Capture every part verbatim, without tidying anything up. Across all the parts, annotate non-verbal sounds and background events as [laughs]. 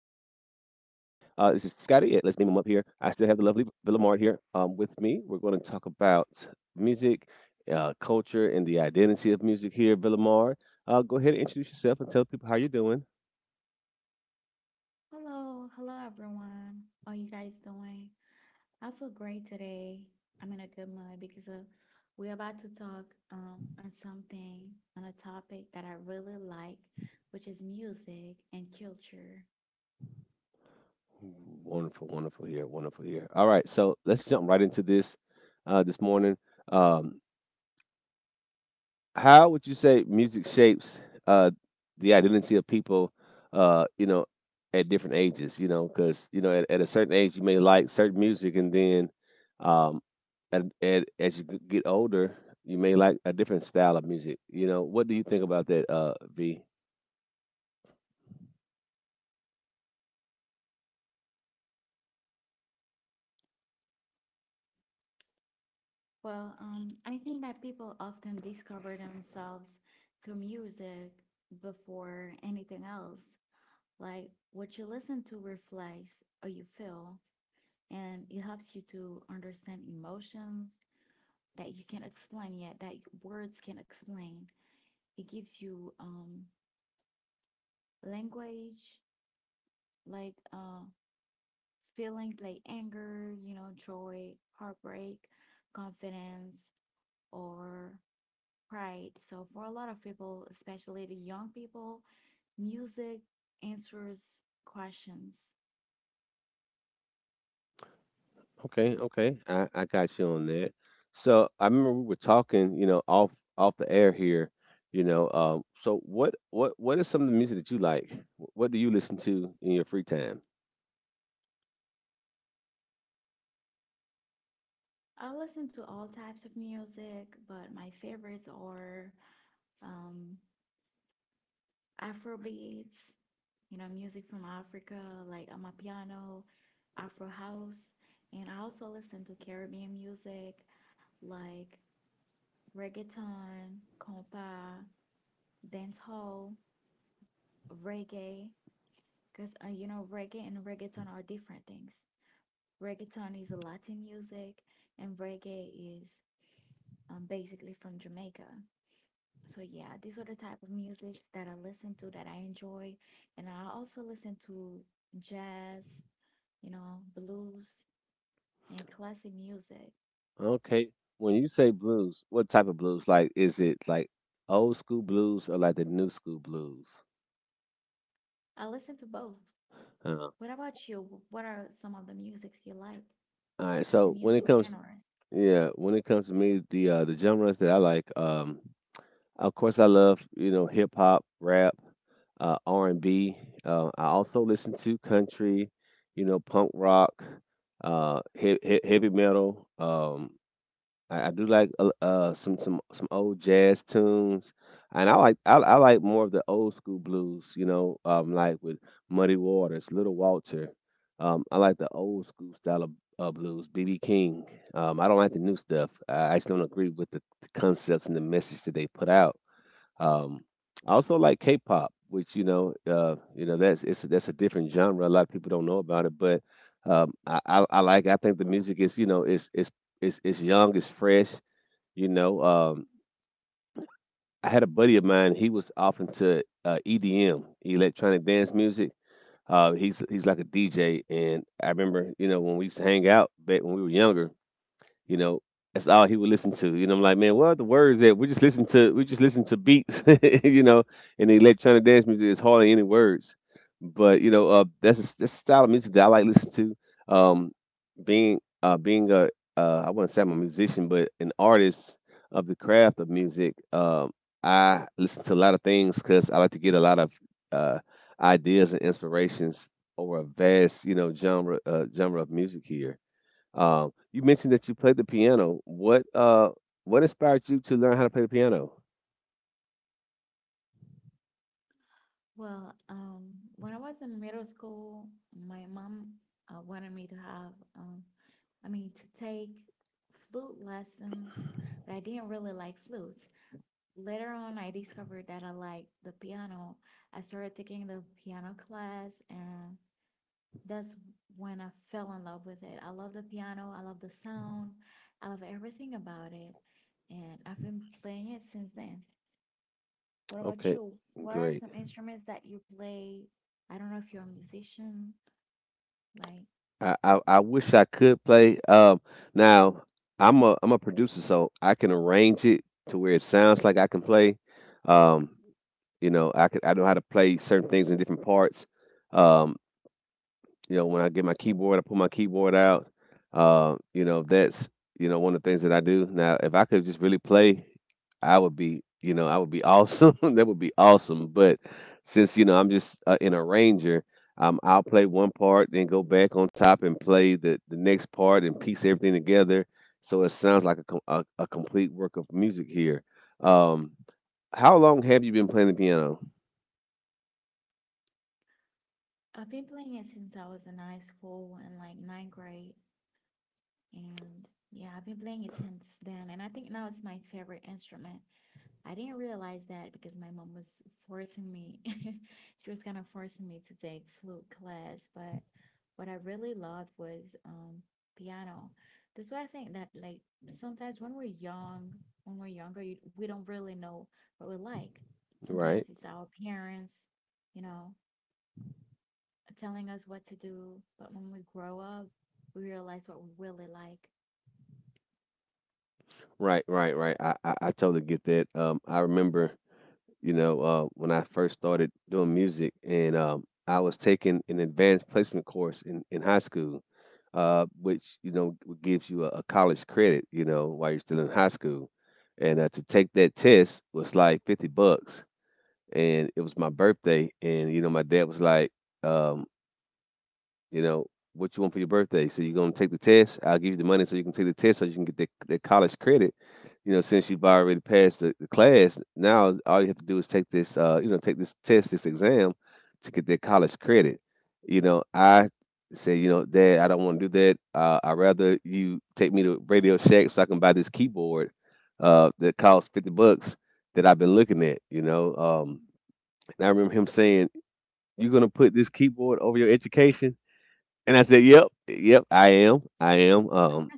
Scotty. At Let's beam him up here. I still have the lovely V- Villamard here um, with me. We're going to talk about music, uh, culture, and the identity of music here. Villamard, uh, go ahead and introduce yourself and tell people how you're doing. Hello, hello everyone. How you guys doing? I feel great today. I'm in a good mood because uh, we're about to talk um, on something, on a topic that I really like, which is music and culture. Wonderful, wonderful here, wonderful here. All right, so let's jump right into this uh, this morning. Um, How would you say music shapes uh, the identity of people, uh, you know, at different ages? You know, because you know, at, at a certain age, you may like certain music, and then um, at, at, as you g- get older, you may like a different style of music. You know, what do you think about that, uh, V? Well, um, I think that people often discover themselves through music before anything else. Like what you listen to reflects how you feel, and it helps you to understand emotions that you can't explain yet, that words can not explain. It gives you um language, like uh feelings like anger, you know, joy, heartbreak, confidence, or pride. So for a lot of people, especially the young people, music answers questions. Okay, okay, I, I got you on that. So I remember we were talking, you know, off off the air here, you know. Um, so what what what is some of the music that you like? Wh- What do you listen to in your free time? I listen to all types of music, but my favorites are um, Afrobeats, you know, music from Africa, like Amapiano, Afro House. And I also listen to Caribbean music like reggaeton, compa, dancehall, reggae. Because, uh, you know, reggae and reggaeton are different things. Reggaeton is Latin music, and reggae is um, basically from Jamaica. So yeah, these are the type of musics that I listen to that I enjoy, and I also listen to jazz, you know, blues, and classic music. Okay. When you say blues, what type of blues? Like, is it like old school blues or like the new school blues? I listen to both. Uh, all What about you? What are some of the musics you like? right. The So when it music comes, genres? yeah, when it comes to me, the uh, the genres that I like, um, of course, I love you know hip hop, rap, uh, R and B. Uh, I also listen to country, you know, punk rock, uh, he- he- heavy metal. Um, I, I do like uh, uh some some some old jazz tunes, and I like I, I like more of the old school blues. You know, um, like with Muddy Waters, Little Walter. Um, I like the old school style of uh, blues, B B King. Um, I don't like the new stuff. I, I just don't agree with the, the concepts and the message that they put out. Um, I also like K pop, which you know, uh, you know that's it's that's a different genre. A lot of people don't know about it, but um, I, I, I like. I think the music is you know it's it's it's it's young, it's fresh. You know, um, I had a buddy of mine. He was off into uh, E D M, electronic dance music. Uh, he's he's like a D J, and I remember you know when we used to hang out back when we were younger you know, that's all he would listen to. You know, I'm like, man, what are the words that we just listen to? We just listen to beats, [laughs] you know, and the electronic dance music is hardly any words. But you know, uh, that's a, that's a style of music that I like to listen to. Um, being uh, being a uh, I wouldn't say I'm a musician, but an artist of the craft of music. Um, I listen to a lot of things because I like to get a lot of uh, ideas and inspirations over a vast, you know, genre uh, genre of music here. Um, you mentioned that you played the piano. What uh, what inspired you to learn how to play the piano? Well, um, when I was in middle school, my mom uh, wanted me to have, um, I mean, to take flute lessons, but I didn't really like flutes. Later on, I discovered that I liked the piano. I started taking the piano class, and that's when I fell in love with it. I love the piano, I love the sound, I love everything about it. And I've been playing it since then. What about Okay, you? What are great. some instruments that you play? I don't know if you're a musician. Like, I I, I wish I could play. Um, now I'm a I'm a producer, so I can arrange it to where it sounds like I can play. Um, you know, I could I know how to play certain things in different parts. Um, You know, when I get my keyboard, I pull my keyboard out. Uh, you know, that's you know one of the things that I do. Now, if I could just really play, I would be you know I would be awesome. [laughs] That would be awesome. But since you know I'm just uh, an arranger, um, I'll play one part, then go back on top and play the the next part and piece everything together so it sounds like a com- a, a complete work of music here. Um, how long have you been playing the piano? I've been playing it since I was in high school and like ninth grade. And yeah, I've been playing it since then. And I think now it's my favorite instrument. I didn't realize that because my mom was forcing me. [laughs] She was kind of forcing me to take flute class, but what I really loved was um piano. That's why I think that like sometimes when we're young, when we're younger, you, we don't really know what we like. Sometimes Right. it's our parents, you know, telling us what to do, but when we grow up, we realize what we really like. [laughs] Right, right, right. I, I, I totally get that. Um, I remember you know, uh, when I first started doing music, and um, I was taking an advanced placement course in, in high school, uh, which you know gives you a, a college credit, you know, while you're still in high school. And uh, to take that test was like fifty bucks, and it was my birthday, and you know, my dad was like, um, you know, what you want for your birthday? So you're gonna take the test. I'll give you the money so you can take the test so you can get the, the college credit. You know, since you've already passed the, the class, now all you have to do is take this, uh, you know, take this test, this exam to get that college credit. You know, I say, you know, Dad, I don't want to do that. Uh, I'd rather you take me to Radio Shack so I can buy this keyboard uh, that costs fifty bucks that I've been looking at, you know. Um, and I remember him saying, you're going to put this keyboard over your education? And I said, "Yep, yep, I am, I am." Um,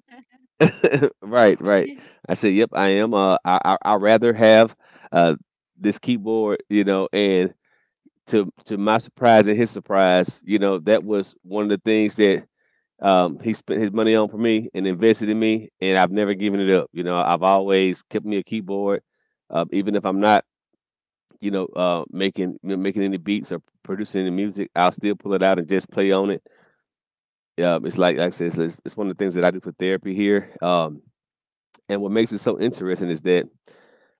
[laughs] right, right. I said, "Yep, I am." Uh, I, I I rather have uh this keyboard, you know. And to to my surprise and his surprise, you know, that was one of the things that um he spent his money on for me and invested in me, and I've never given it up. You know, I've always kept me a keyboard, uh, even if I'm not, you know, uh, making making any beats or producing any music, I'll still pull it out and just play on it. Yeah, it's like, like I said, it's- it's, it's one of the things that I do for therapy here. Um, and what makes it so interesting is that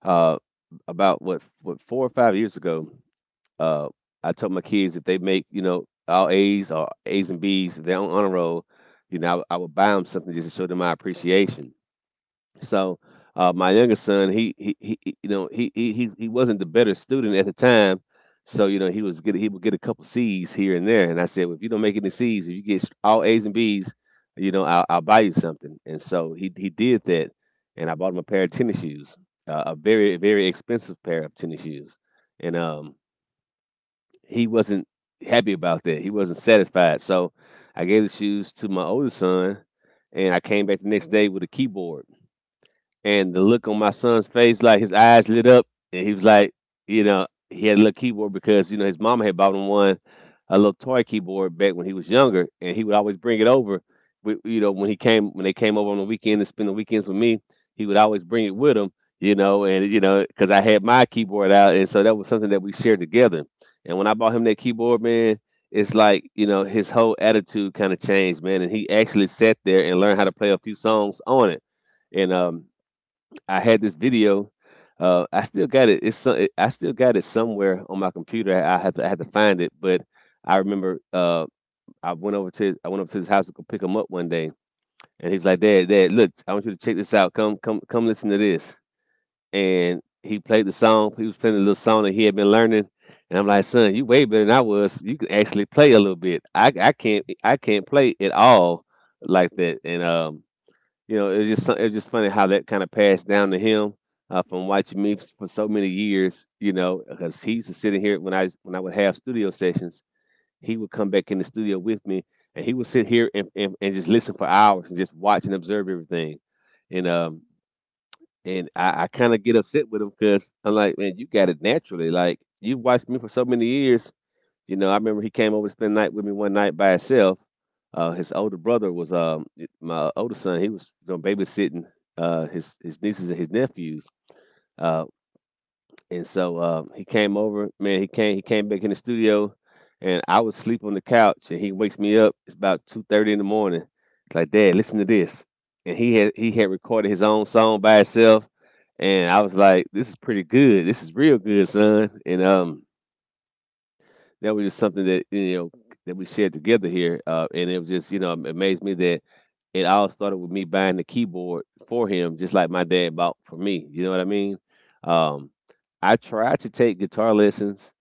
uh, about what what four or five years ago, uh, I told my kids if they make you know all A's or A's and B's, if they're on honor roll, you know I, would- I would buy them something just to show them my appreciation. So uh, my youngest son, he, he he he- you know he he he he wasn't the better student at the time, so you know he was get he would get a couple C's here and there, and I said, well, if you don't make any C's, if you get all A's and B's, you know I'll, I'll buy you something, and so he he did that, and I bought him a pair of tennis shoes, uh, a very very expensive pair of tennis shoes, and um he wasn't happy about that, he wasn't satisfied, so I gave the shoes to my older son, and I came back the next day with a keyboard, and the look on my son's face, like his eyes lit up, and he was like, you know, he had a little keyboard because you know his mama had bought him one, a little toy keyboard back when he was younger, and he would always bring it over. With, you know, when he came, when they came over on the weekend and spend the weekends with me, he would always bring it with him. You know, and you know, because I had my keyboard out, and so that was something that we shared together. And when I bought him that keyboard, man, it's like you know his whole attitude kind of changed, man. And he actually sat there and learned how to play a few songs on it. And um, I had this video. Uh, I still got it. It's so- it, I still got it somewhere on my computer. I had to, I had to find it, but I remember uh, I went over to his, I went over to his house to go pick him up one day, and he was like, "Dad, Dad, look, I want you to check this out. Come, come, come, listen to this." And he played the song. He was playing a little song that he had been learning, and I'm like, "Son, you way better than I was. You can actually play a little bit. I, I can't, I can't play at all like that." And um, you know, it's just so- it's just funny how that kind of passed down to him uh, from watching me for so many years. You know, because he used to sit in here when I when I would have studio sessions, he would come back in the studio with me, and he would sit here and and, and just listen for hours and just watch and observe everything. And um and I, I kind of get upset with him because I'm like, man, you got it naturally. Like you've watched me for so many years, you know, I remember he came over to spend the night with me one night by himself. Uh, his older brother was, um, my older son. He was you know, babysitting uh, his his nieces and his nephews, uh, and so uh, he came over. Man, he came he came back in the studio, and I was sleep on the couch, and he wakes me up. It's about two thirty in the morning. It's like, "Dad, listen to this." And he had he had recorded his own song by himself, and I was like, "This is pretty good. This is real good, son." And um, That was just something that you know that we shared together here, uh, and it was just you know it amazed me that it all started with me buying the keyboard for him, just like my dad bought for me. You know what I mean? Um, I tried to take guitar lessons,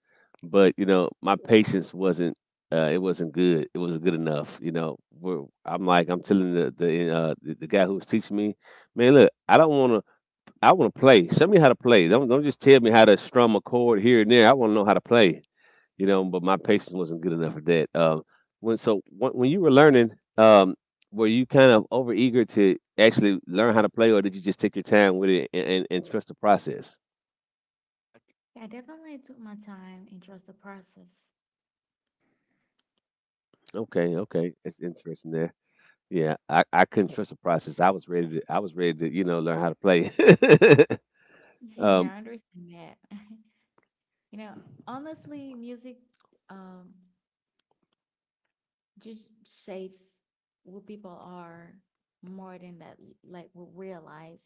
but you know my patience wasn't. Uh, it wasn't good. It wasn't good enough. You know, We're, I'm like I'm telling the the, uh, the the guy who was teaching me, man, look, I don't want to. I want to play. Show me how to play. Don't don't just tell me how to strum a chord here and there. I want to know how to play, you know, but my patience wasn't good enough for that. Um, when so when, when you were learning, um, were you kind of over eager to actually learn how to play, or did you just take your time with it and, and, and trust the process? Mhm. I definitely took my time and trust the process. Okay, okay, that's interesting there. Yeah, I, I couldn't trust the process. I was ready to I was ready to you know learn how to play. [laughs] [laughs] um, Yeah, I understand that. [laughs] You know, honestly, music um just shapes what people are more than that like will realize.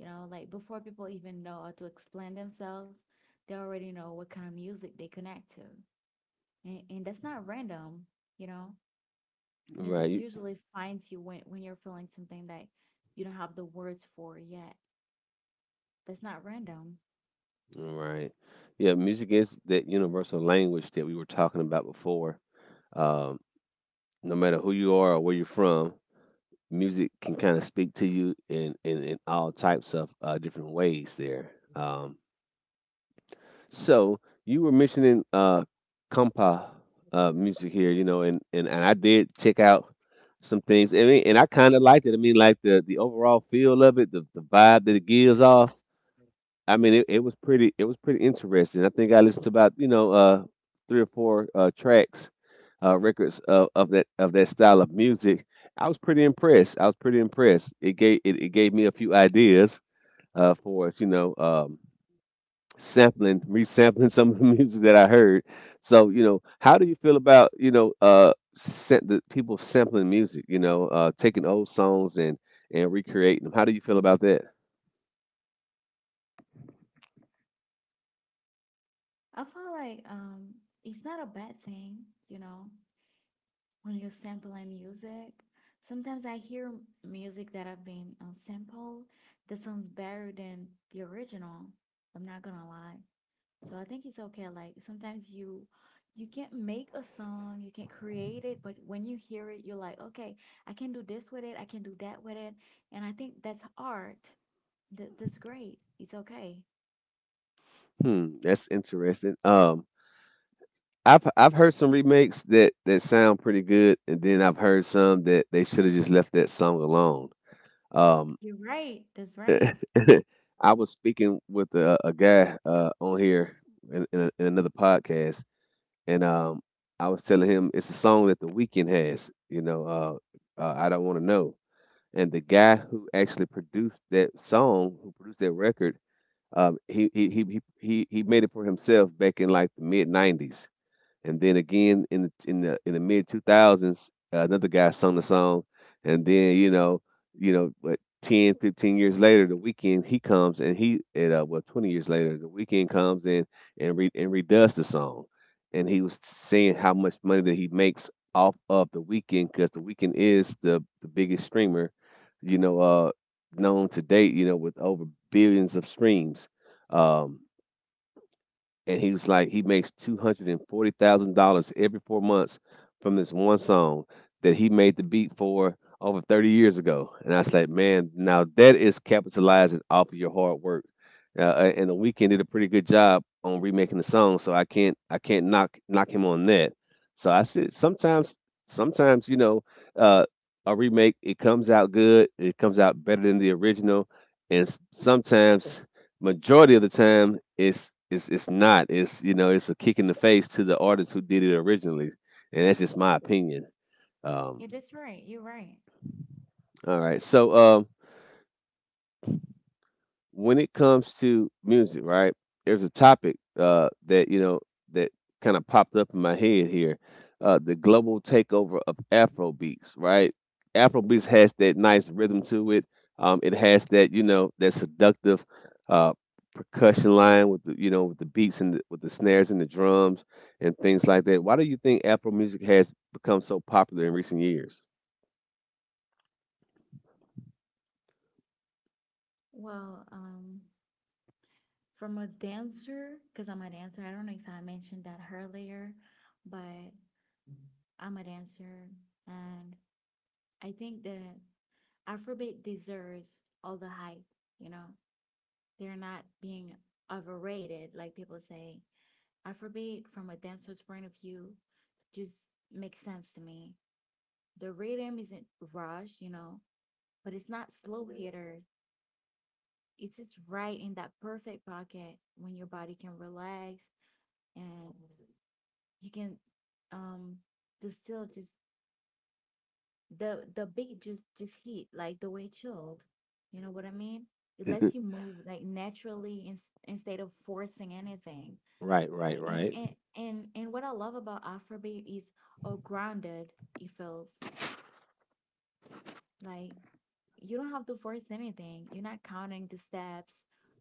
You know, like before people even know how to explain themselves, they already know what kind of music they connect to. And and that's not random, you know. Music right, you- usually finds you when when you're feeling something that you don't have the words for yet. That's not random. right. Yeah, music is that universal language that we were talking about before. Um, no matter who you are or where you're from, music can kind of speak to you in, in, in all types of uh, different ways there. Um, so you were mentioning uh, compa uh, music here, you know, and, and, and I did check out some things. I mean, and I kind of liked it. I mean, like the, the overall feel of it, the, the vibe that it gives off. I mean, it, it was pretty. It was pretty interesting. I think I listened to about you know uh, three or four uh, tracks, uh, records of, of that of that style of music. I was pretty impressed. I was pretty impressed. It gave it, it gave me a few ideas uh, for us, you know, um, sampling, resampling [laughs] some of the music that I heard. So, you know, how do you feel about, you know, uh, sa- the people sampling music, you know, uh, taking old songs and, and recreating them? How do you feel about that? I feel like um it's not a bad thing, you know. When you sample my music, sometimes I hear music that I've been uh, sampled that sounds better than the original. I'm not gonna lie. So I think it's okay. Like sometimes you you can't make a song, you can't create it, but when you hear it, you're like, okay, I can do this with it, I can do that with it, and I think that's art. That that's great. It's okay. Hmm, that's interesting. Um, I've I've heard some remakes that that sound pretty good, and then I've heard some that they should have just left that song alone. Um, You're right. That's right. [laughs] I was speaking with a, a guy uh, on here in, in, a, in another podcast, and um, I was telling him it's a song that The Weeknd has. You know, uh, uh, "I Don't Want to Know." And the guy who actually produced that song, who produced that record, um, he, he he he he he made it for himself back in like the mid nineties. And then again in the in the in the mid two thousands, uh, another guy sung the song. And then you know, you know, what, ten fifteen years later, the weekend he comes and he at uh, well twenty years later, the weekend comes in and re, and redoes the song. And he was saying how much money that he makes off of the weekend because the weekend is the the biggest streamer, you know, uh, known to date, you know, with over billions of streams. Um, and he was like he makes two hundred and forty thousand dollars every four months from this one song that he made the beat for over thirty years ago. And I was like, man, now that is capitalizing off of your hard work. Uh, and the weekend did a pretty good job on remaking the song, so I can't I can't knock knock him on that. So I said sometimes sometimes you know uh, a remake, it comes out good, it comes out better than the original, and s- sometimes, majority of the time it's it's it's not. It's you know it's a kick in the face to the artist who did it originally, and that's just my opinion. Um, It is right. You're right. all right, so, um, when it comes to music, right? There's a topic uh, that you know that kind of popped up in my head here: uh, the global takeover of Afro beats, right? Afro beats has that nice rhythm to it. Um, it has that you know that seductive uh, percussion line with the you know with the beats and the, with the snares and the drums and things like that. Why do you think Afro music has become so popular in recent years? Well, um, from a dancer, because I'm a dancer, I don't know if I mentioned that earlier, but I'm a dancer. And I think the Afrobeat deserves all the hype, you know, they're not being overrated. Like people say, Afrobeat, from a dancer's point of view, just makes sense to me. The rhythm isn't rushed, you know, but it's not slow hitter. It's just right in that perfect pocket when your body can relax and you can um the still just the the beat just just hit like the way it chilled. You know what I mean? It lets you [laughs] move like naturally in, instead of forcing anything. Right, right, Like and, right. and and and what I love about Afrobeat is how grounded it feels. Like you don't have to force anything. You're not counting the steps.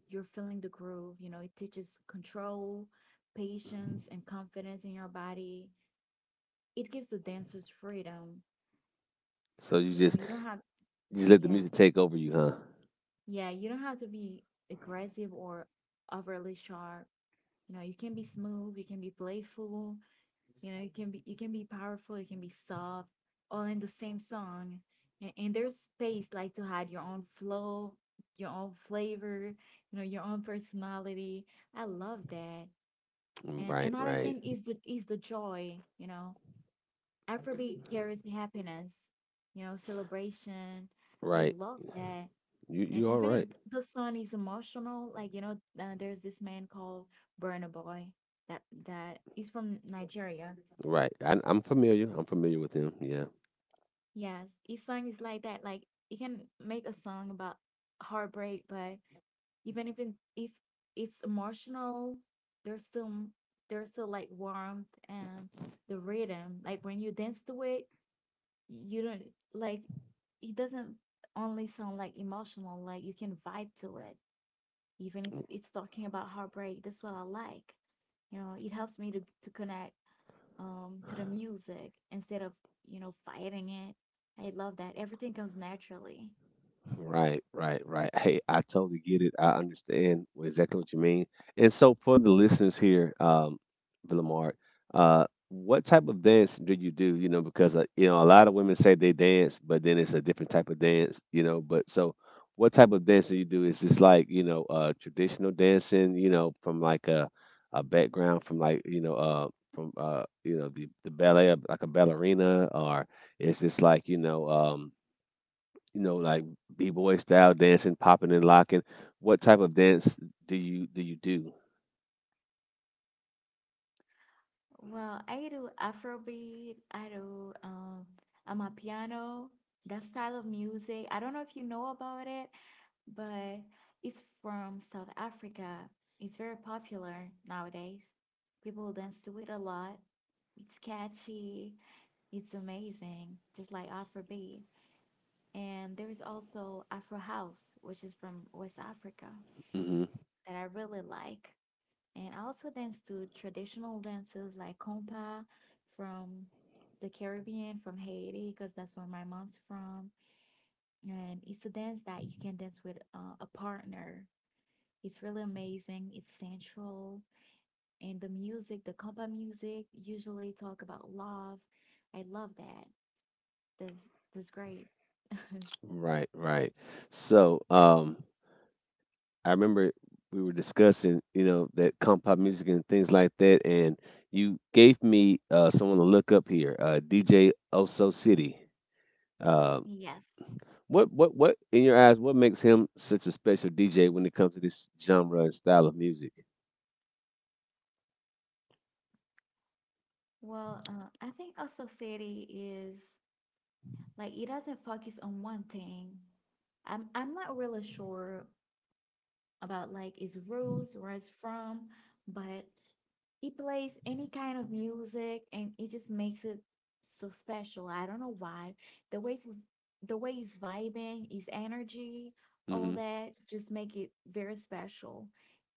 You're feeling the groove. You know, it teaches control, patience, and confidence in your body. It gives the dancers freedom. So you You know, just you don't have, you just let the yeah, music take over you, huh? yeah, you don't have to be aggressive or overly sharp. You know, you can be smooth, you can be playful, you know, you can be you can be powerful, you can be soft, all in the same song. And, and there's space like to add your own flow, your own flavor, you know, your own personality. I love that. Mm, And right, another right, thing is the is the joy, you know. Afrobeat carries happiness, you know, celebration. I right. love that. You And you all even if right? th- the son is emotional, like you know, uh, there's this man called Burna Boy that that is from Nigeria. Right. I, I'm familiar. I'm familiar with him. Yeah. Yes, his song is like that. Like he can make a song about heartbreak, but even if it, if it's emotional, there's still there's still like warmth and the rhythm. Like when you dance to it, you don't like it doesn't only sound like emotional. Like you can vibe to it. Even if it's talking about heartbreak, that's what I like. You know, it helps me to, to connect um to the music instead of you know fighting it. I love that everything comes naturally. Right, right, right. Hey, I totally get it. I understand wh- exactly what you mean. And so, for the listeners here, um, Villamart, uh, what type of dance do you do? You know, because uh, you know a lot of women say they dance, but then it's a different type of dance. You know, but so What type of dance do you do? Is this like you know uh, traditional dancing? You know, from like a a background from like you know uh from uh you know the the ballet, like a ballerina, or is this like you know um you know, like b boy style dancing, popping and locking. What type of dance do you do you do? Well, I do Afrobeat, I do um amapiano, that style of music. I don't know if you know about it, but it's from South Africa. It's very popular nowadays. People dance to it a lot. It's catchy. It's amazing, just like Afrobeat. And there is also Afro House, which is from West Africa, Hmm. that I really like. And I also dance to traditional dances like compa from the Caribbean, from Haiti, because that's where my mom's from. And it's a dance that you can dance with uh, a partner. It's really amazing. It's sensual. And the music, the compa music, usually talk about love. I love that. That's, that's great. [laughs] Right, right. So, um, I remember we were discussing, you know, that comp pop music and things like that, and you gave me uh, someone to look up here, uh, D J Oso City. uh, Yes. What what what in your eyes? What makes him such a special D J when it comes to this genre and style of music? Well, uh, I think our society is. Like it doesn't focus on one thing. I'm I'm not really sure about like its roots, where it's from, but it plays any kind of music and it just makes it so special. I don't know why. The way it's the way it's vibing, its energy, all Mm-hmm. that just make it very special.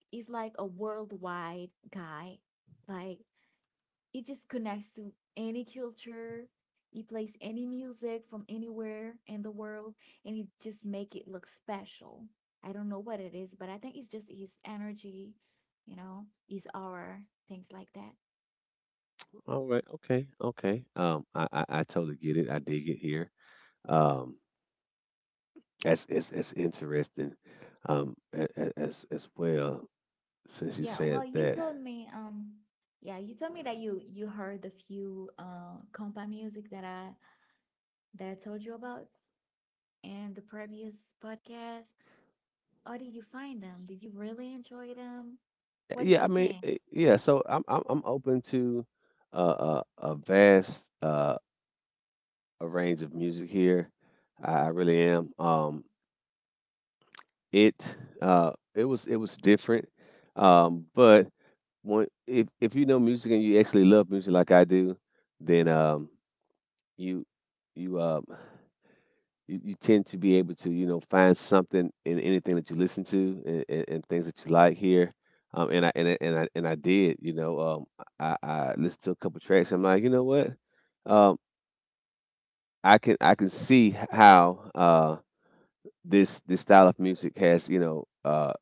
He's like a worldwide guy. Like it just connects to any culture. You plays any music from anywhere in the world, and it just make it look special. I don't know what it is, but I think it's just his energy, you know, his aura, things like that. All right. Okay. Okay. Um, I, I I totally get it. I dig it here. Um, that's it's it's interesting. Um, a- a- as as well, since you Yeah. Well, said you that. told me, um, yeah, you told me that you you heard the few uh compa music that I that I told you about in the previous podcast. How did you find them? Did you really enjoy them? What do Yeah. you I mean, think? eh, yeah. So I'm I'm I'm open to uh, a a vast uh a range of music here. I, I really am. Um, it uh, it was it was different, um, but when, if if you know music and you actually love music like I do, then, um, you you um you, you tend to be able to you know find something in anything that you listen to, and, and, and things that you like here. Um, and I and I, and I and I did, you know um I, I listened to a couple tracks. I'm like, you know what, um I can I can see how uh this this style of music has you know uh,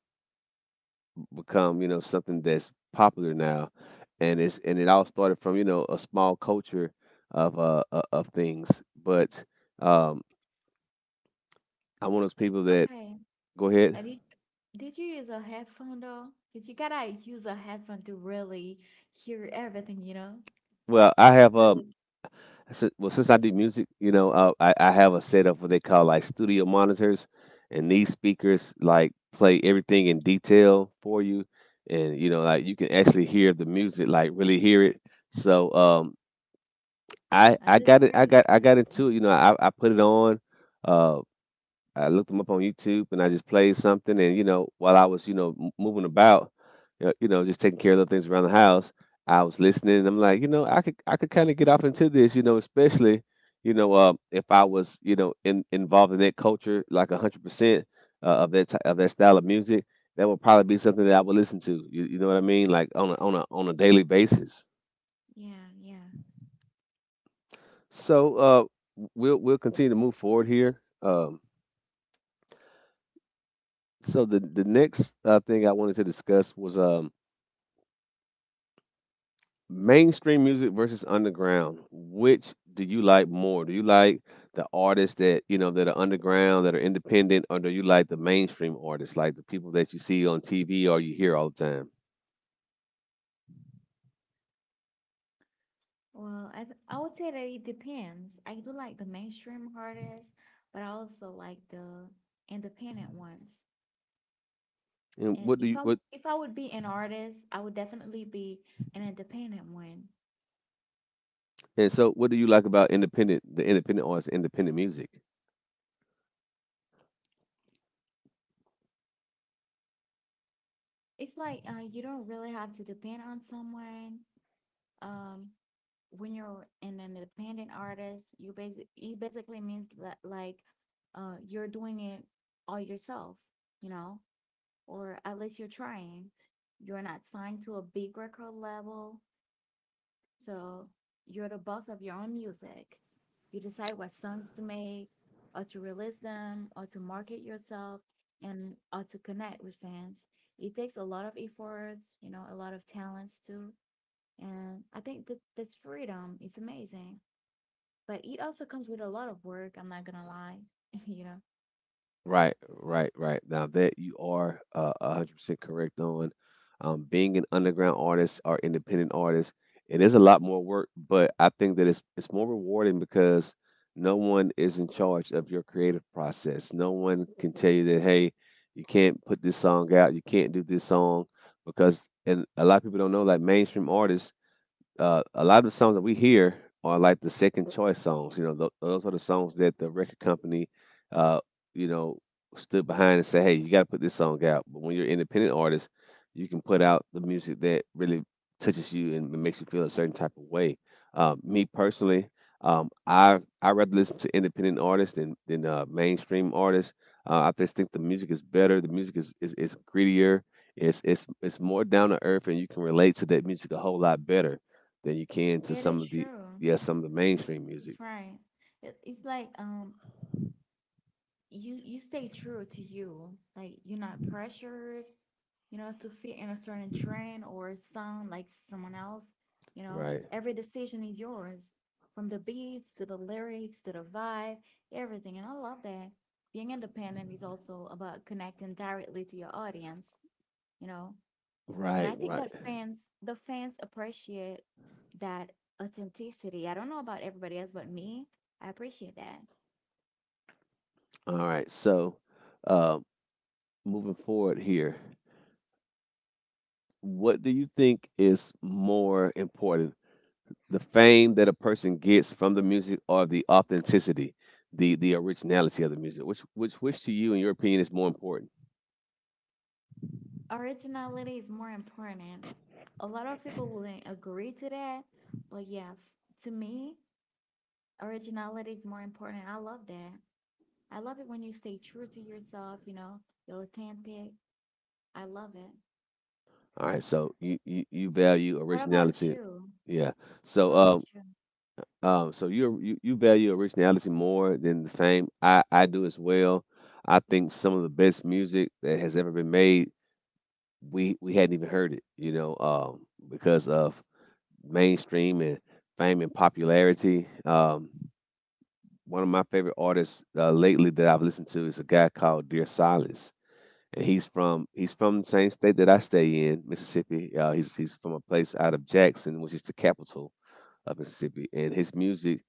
become you know something that's popular now, and it's and it all started from you know a small culture of uh o- of things. But, um, I'm one of those people that... Okay. Go ahead. I did, did you use a headphone though? Because you gotta use a headphone to really hear everything, you know? Well, I have um. Really? si- Well, since I do music, you know, uh, I, I have a set of what they call like studio monitors, and these speakers like play everything in detail for you, and you know, like you can actually hear the music, like really hear it. So, um, I Uh, I that's got it. I great. got I That's got great. into it. You know, I I put it on. Uh, I looked them up on YouTube and I just played something. And you know, while I was you know m- moving about, you know, you know, just taking care of little things around the house, I was listening. And I'm like, you know, I could I could kind of get off into this. You know, especially you know uh, if I was you know in, involved in that culture, like a hundred percent uh, of that ty- of that style of music. That would probably be something that I would listen to. You, you know what I mean? Like on a, on a on a daily basis. Yeah, yeah. So, uh, we'll we'll continue to move forward here. Um, so the the next uh, thing I wanted to discuss was, um, mainstream music versus underground. Which do you like more? Do you like the artists that you know that are underground, that are independent, or do you like the mainstream artists, like the people that you see on T V or you hear all the time? Well, I, th- I would say that it depends. I do like the mainstream artists, but I also like the independent ones. And And what do if you I what? if I would be an artist, I would definitely be an independent one. And so, what do you like about independent the independent artists, independent music? It's like uh, you don't really have to depend on someone. Um, when you're an independent artist, you basic it basically means that like uh you're doing it all yourself, you know, or at least you're trying. You're not signed to a big record label, so you're the boss of your own music. You decide what songs to make, or to release them, or to market yourself, and or to connect with fans. It takes a lot of efforts, you know, a lot of talents too. And I think that this freedom is amazing, but it also comes with a lot of work. I'm not gonna lie, [laughs] you know. Right, right, right. Now that you are uh, a hundred percent correct on um, being an underground artist or independent artist, it is a lot more work, but I think that it's it's more rewarding because no one is in charge of your creative process. No one can tell you that hey, you can't put this song out, you can't do this song because. And a lot of people don't know, like mainstream artists, uh, a lot of the songs that we hear are like the second choice songs. You know, tho- those are the songs that the record company, uh, you know, stood behind and said, "Hey, you got to put this song out." But when you're an independent artist, you can put out the music that really touches you and makes you feel a certain type of way. Um, me personally, um, I I rather listen to independent artists than than uh, mainstream artists. Uh, I just think the music is better. The music is is, is grittier. It's it's it's more down to earth, and you can relate to that music a whole lot better than you can to It is some of the true. yeah, some of the Th- mainstream It's music. right. It, it's like um you you stay true to you. Like you're not pressured, you know, to fit in a certain trend or sound like someone else. You know, Right. every decision is yours, from the beats to the lyrics to the vibe, everything. And I love that. Being independent is also about connecting directly to your audience. You know, and Right, I think right. that fans, the fans appreciate that authenticity. I don't know about everybody else, but me, I appreciate that. All right. So, uh, moving forward here, what do you think is more important, the fame that a person gets from the music, or the authenticity, the the originality of the music? Which which which to you, in your opinion, is more important? Originality is more important. A lot of people wouldn't agree to that, but yeah, f- to me, originality is more important. I love that. I love it when you stay true to yourself, you know, you're authentic. I love it. All right. So you you, you value What about originality. you? Yeah. So, What about uh, you? Um, so you you you value originality more than the fame. I I do as well. I think some of the best music that has ever been made, we we hadn't even heard it, you know, um, because of mainstream and fame and popularity. Um, one of my favorite artists uh, lately that I've listened to is a guy called Dear Silas, and he's from he's from the same state that I stay in, Mississippi. Uh, he's he's from a place out of Jackson, which is the capital of Mississippi, and his music,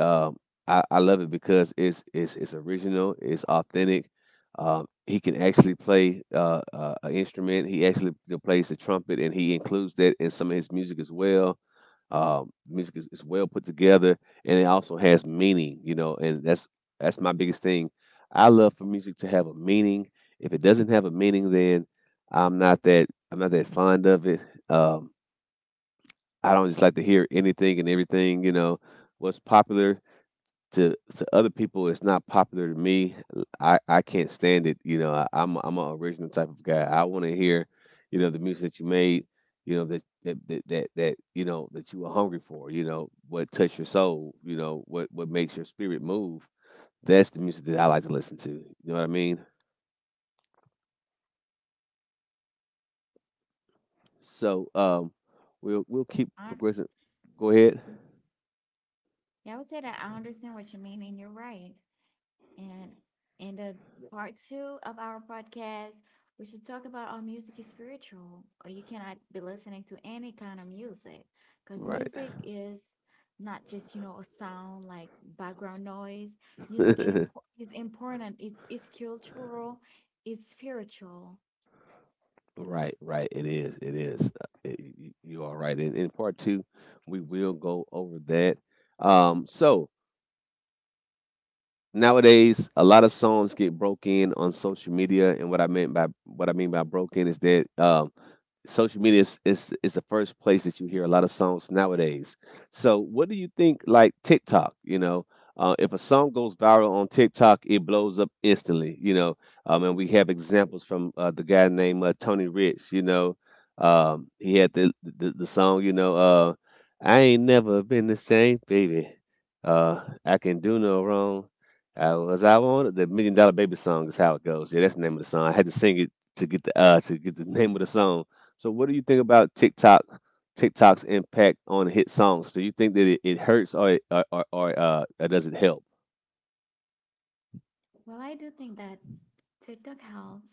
um, I, I love it because it's it's it's original, it's authentic. Um, he can actually play uh, uh, an instrument. He actually plays the trumpet, and he includes that in some of his music as well. Um, music is, is well put together, and it also has meaning. You know, and that's that's my biggest thing. I love for music to have a meaning. If it doesn't have a meaning, then I'm not that I'm not that fond of it. Um, I don't just like to hear anything and everything. You know, what's popular to to other people is not popular to me. I I can't stand it. You know, I, I'm I'm an original type of guy. I want to hear, you know, the music that you made. You know that that, that that that you know that you were hungry for. You know what touched your soul. You know what what makes your spirit move. That's the music that I like to listen to. You know what I mean? So um, we'll we'll keep I, progressing. Go ahead. mhm. Yeah, I would say that I understand what you mean, and you're right. And in the part two of our podcast, we should talk about our music is spiritual, or you cannot be listening to any kind of music because Right. music is not just you know a sound like background noise. Music in impo- [laughs] is important. It's it's cultural, it's spiritual. Right, right. It is. It is. Uh, It, you are right. And in part two, we will go over that. Um, so nowadays a lot of songs get broken on social media, and what i meant by what I mean by broken is that um social media is, is is the first place that you hear a lot of songs nowadays. So what do you think, like TikTok, you know, uh, if a song goes viral on TikTok, it blows up instantly, you know. Um, and we have examples from uh, the guy named uh, Tony Rich, you know. Um, he had the, the the song, you know, uh, "I ain't never been the same baby, uh, I can do no wrong." I was I on the Million Dollar Baby song is how it goes. Yeah, that's the name of the song. I had to sing it to get the uh to get the [laughs] name of the song. So what do you think about TikTok TikTok's impact on hit songs? Do you think that it, it hurts, or it, or, or, or uh or does it help? Well, I do think that TikTok helps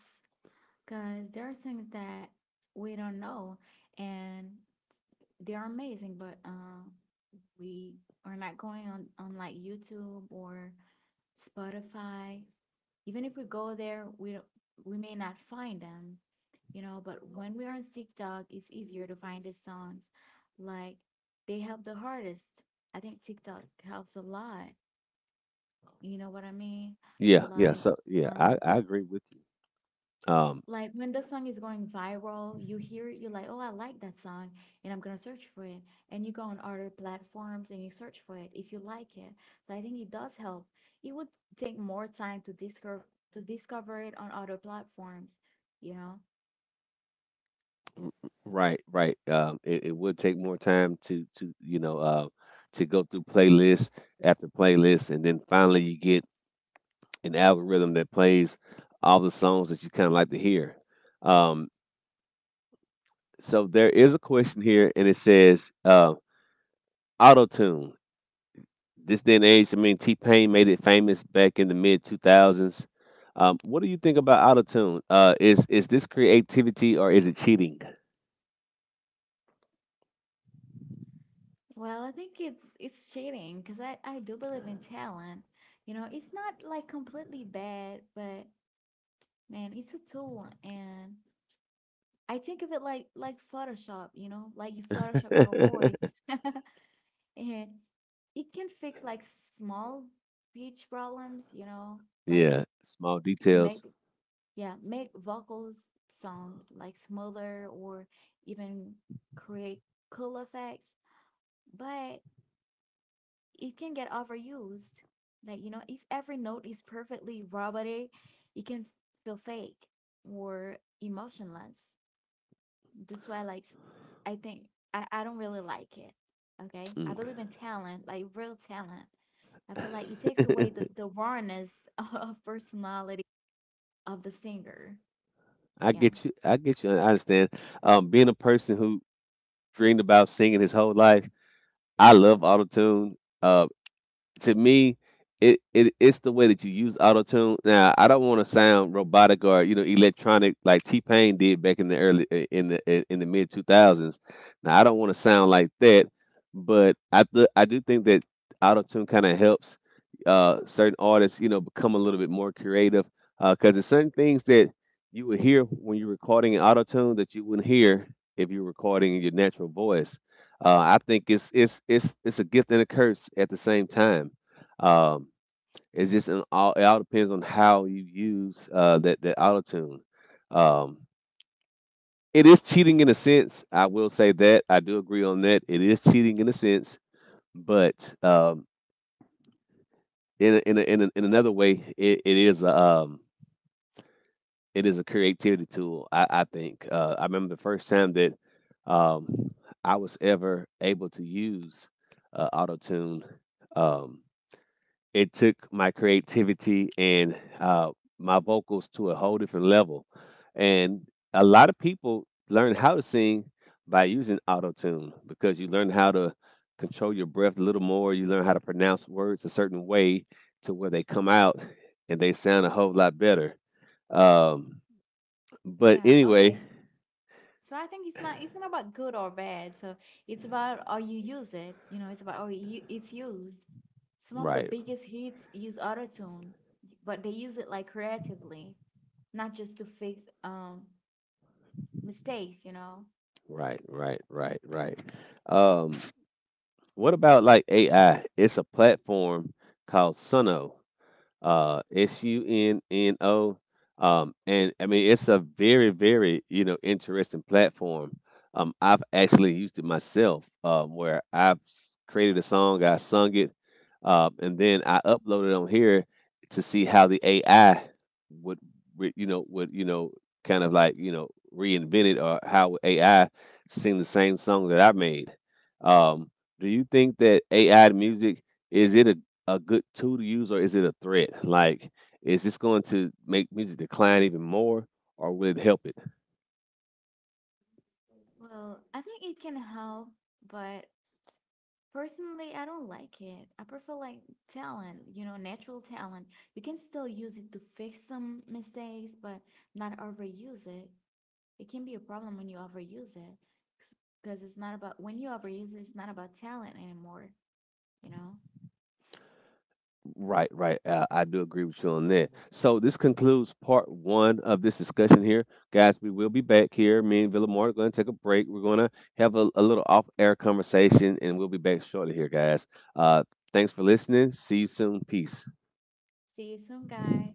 because there are things that we don't know and they are amazing, but uh, we are not going on on like YouTube or Spotify. Even if we go there, we don't- we may not find them, you know. But when we are on TikTok, it's easier to find the songs. Like they help the hardest. I think TikTok helps a lot. You know what I mean? Yeah, yeah. Like So yeah, I, um, I agree with you. Um, Like when the song is going viral, you hear it, you're like, oh, I like that song, and I'm gonna search for it. And you go on other platforms and you search for it if you like it. So I think it does help. It would take more time to discover to discover it on other platforms, you know. right, right. Um, it, it would take more time to to you know uh to go through playlist after playlist, and then finally you get an algorithm that plays all the songs that you kind of like to hear. Um, So there is a question here, and it says uh, auto tune. This day and age, I mean, T Pain made it famous back in the mid two thousands. Um, what do you think about auto tune? Uh, is is this creativity or is it cheating? Well, I think it's it's cheating because I I do believe in talent. You know, it's not like completely bad, but man, it's a tool, and I think of it like like Photoshop. You know, like you Photoshop your [laughs] voice. [laughs] And it can fix like small pitch problems, you know, like Yeah, small make details. yeah, make vocals sound like smoother or even create cool effects, but it can get overused. Like, you know, if every note is perfectly robotic, it can feel fake or emotionless. That's why, like, I think I, I don't really like it. Okay. Mm. I believe in talent, like real talent. I feel like it takes away the, [laughs] the rawness [laughs] of personality of the singer. I Yeah. get you. I get you. I understand. Um, being a person who dreamed about singing his whole life, I love auto tune. To me, it, it it's the way that you use auto tune. Now, I don't want to sound robotic, or you know electronic like T Pain did back in the early in the in the mid two thousands. Now, I don't want to sound like that, but I th- I do think that auto tune kind of helps uh, certain artists, you know, become a little bit more creative, because there's certain things that you would hear when you're recording in auto tune that you wouldn't hear if you're recording in your natural voice. Uh, I think it's it's it's it's a gift and a curse at the same time. Um, it's just an all it all depends on how you use uh, that that auto tune. Um, it is cheating in a sense. I will say that I do agree on that. It is cheating in a sense, but um, in a, in a, in, a, in another way, it, it is a um, it is a creativity tool. I, I think. Uh, I remember the first time that um, I was ever able to use uh, auto tune. Um, it took my creativity and uh, my vocals to a whole different level. And a lot of people learn how to sing by using auto tune, because you learn how to control your breath a little more. You learn how to pronounce words a certain way to where they come out and they sound a whole lot better. Um, but Yeah. anyway, Okay. So I think it's not it's not about good or bad. So it's about how you use it. You know, it's about how you, it's used. Some of the right, biggest hits use autotune, but they use it like creatively, not just to fix um mistakes, you know. right, right, right, right. Um, what about like A I? It's a platform called Suno, uh S U N N O. Um and I mean, it's a very, very, you know, interesting platform. Um I've actually used it myself, um, where I've s- created a song, I sung it, um, and then I uploaded on here to see how the A I would re- you know, would, you know, kind of like, you know, reinvent it, or how A I sing the same song that I made. Um, do you think that A I music, is it a a good tool to use, or is it a threat? Like, is this going to make music decline even more, or will it help it? Well, I think it can help, but personally, I don't like it. I prefer like talent, you know, natural talent. You can still use it to fix some mistakes, but not overuse it. It can be a problem when you overuse it because it's not about when you overuse it, it's not about talent anymore, you know? Right, right. Uh, I do agree with you on that. So this concludes part one of this discussion here, guys. We will be back here. Me and Villamore are going to take a break. We're going to have a, a little off-air conversation, and we'll be back shortly here, guys. Uh, Thanks for listening. See you soon. Peace. See you soon, guys.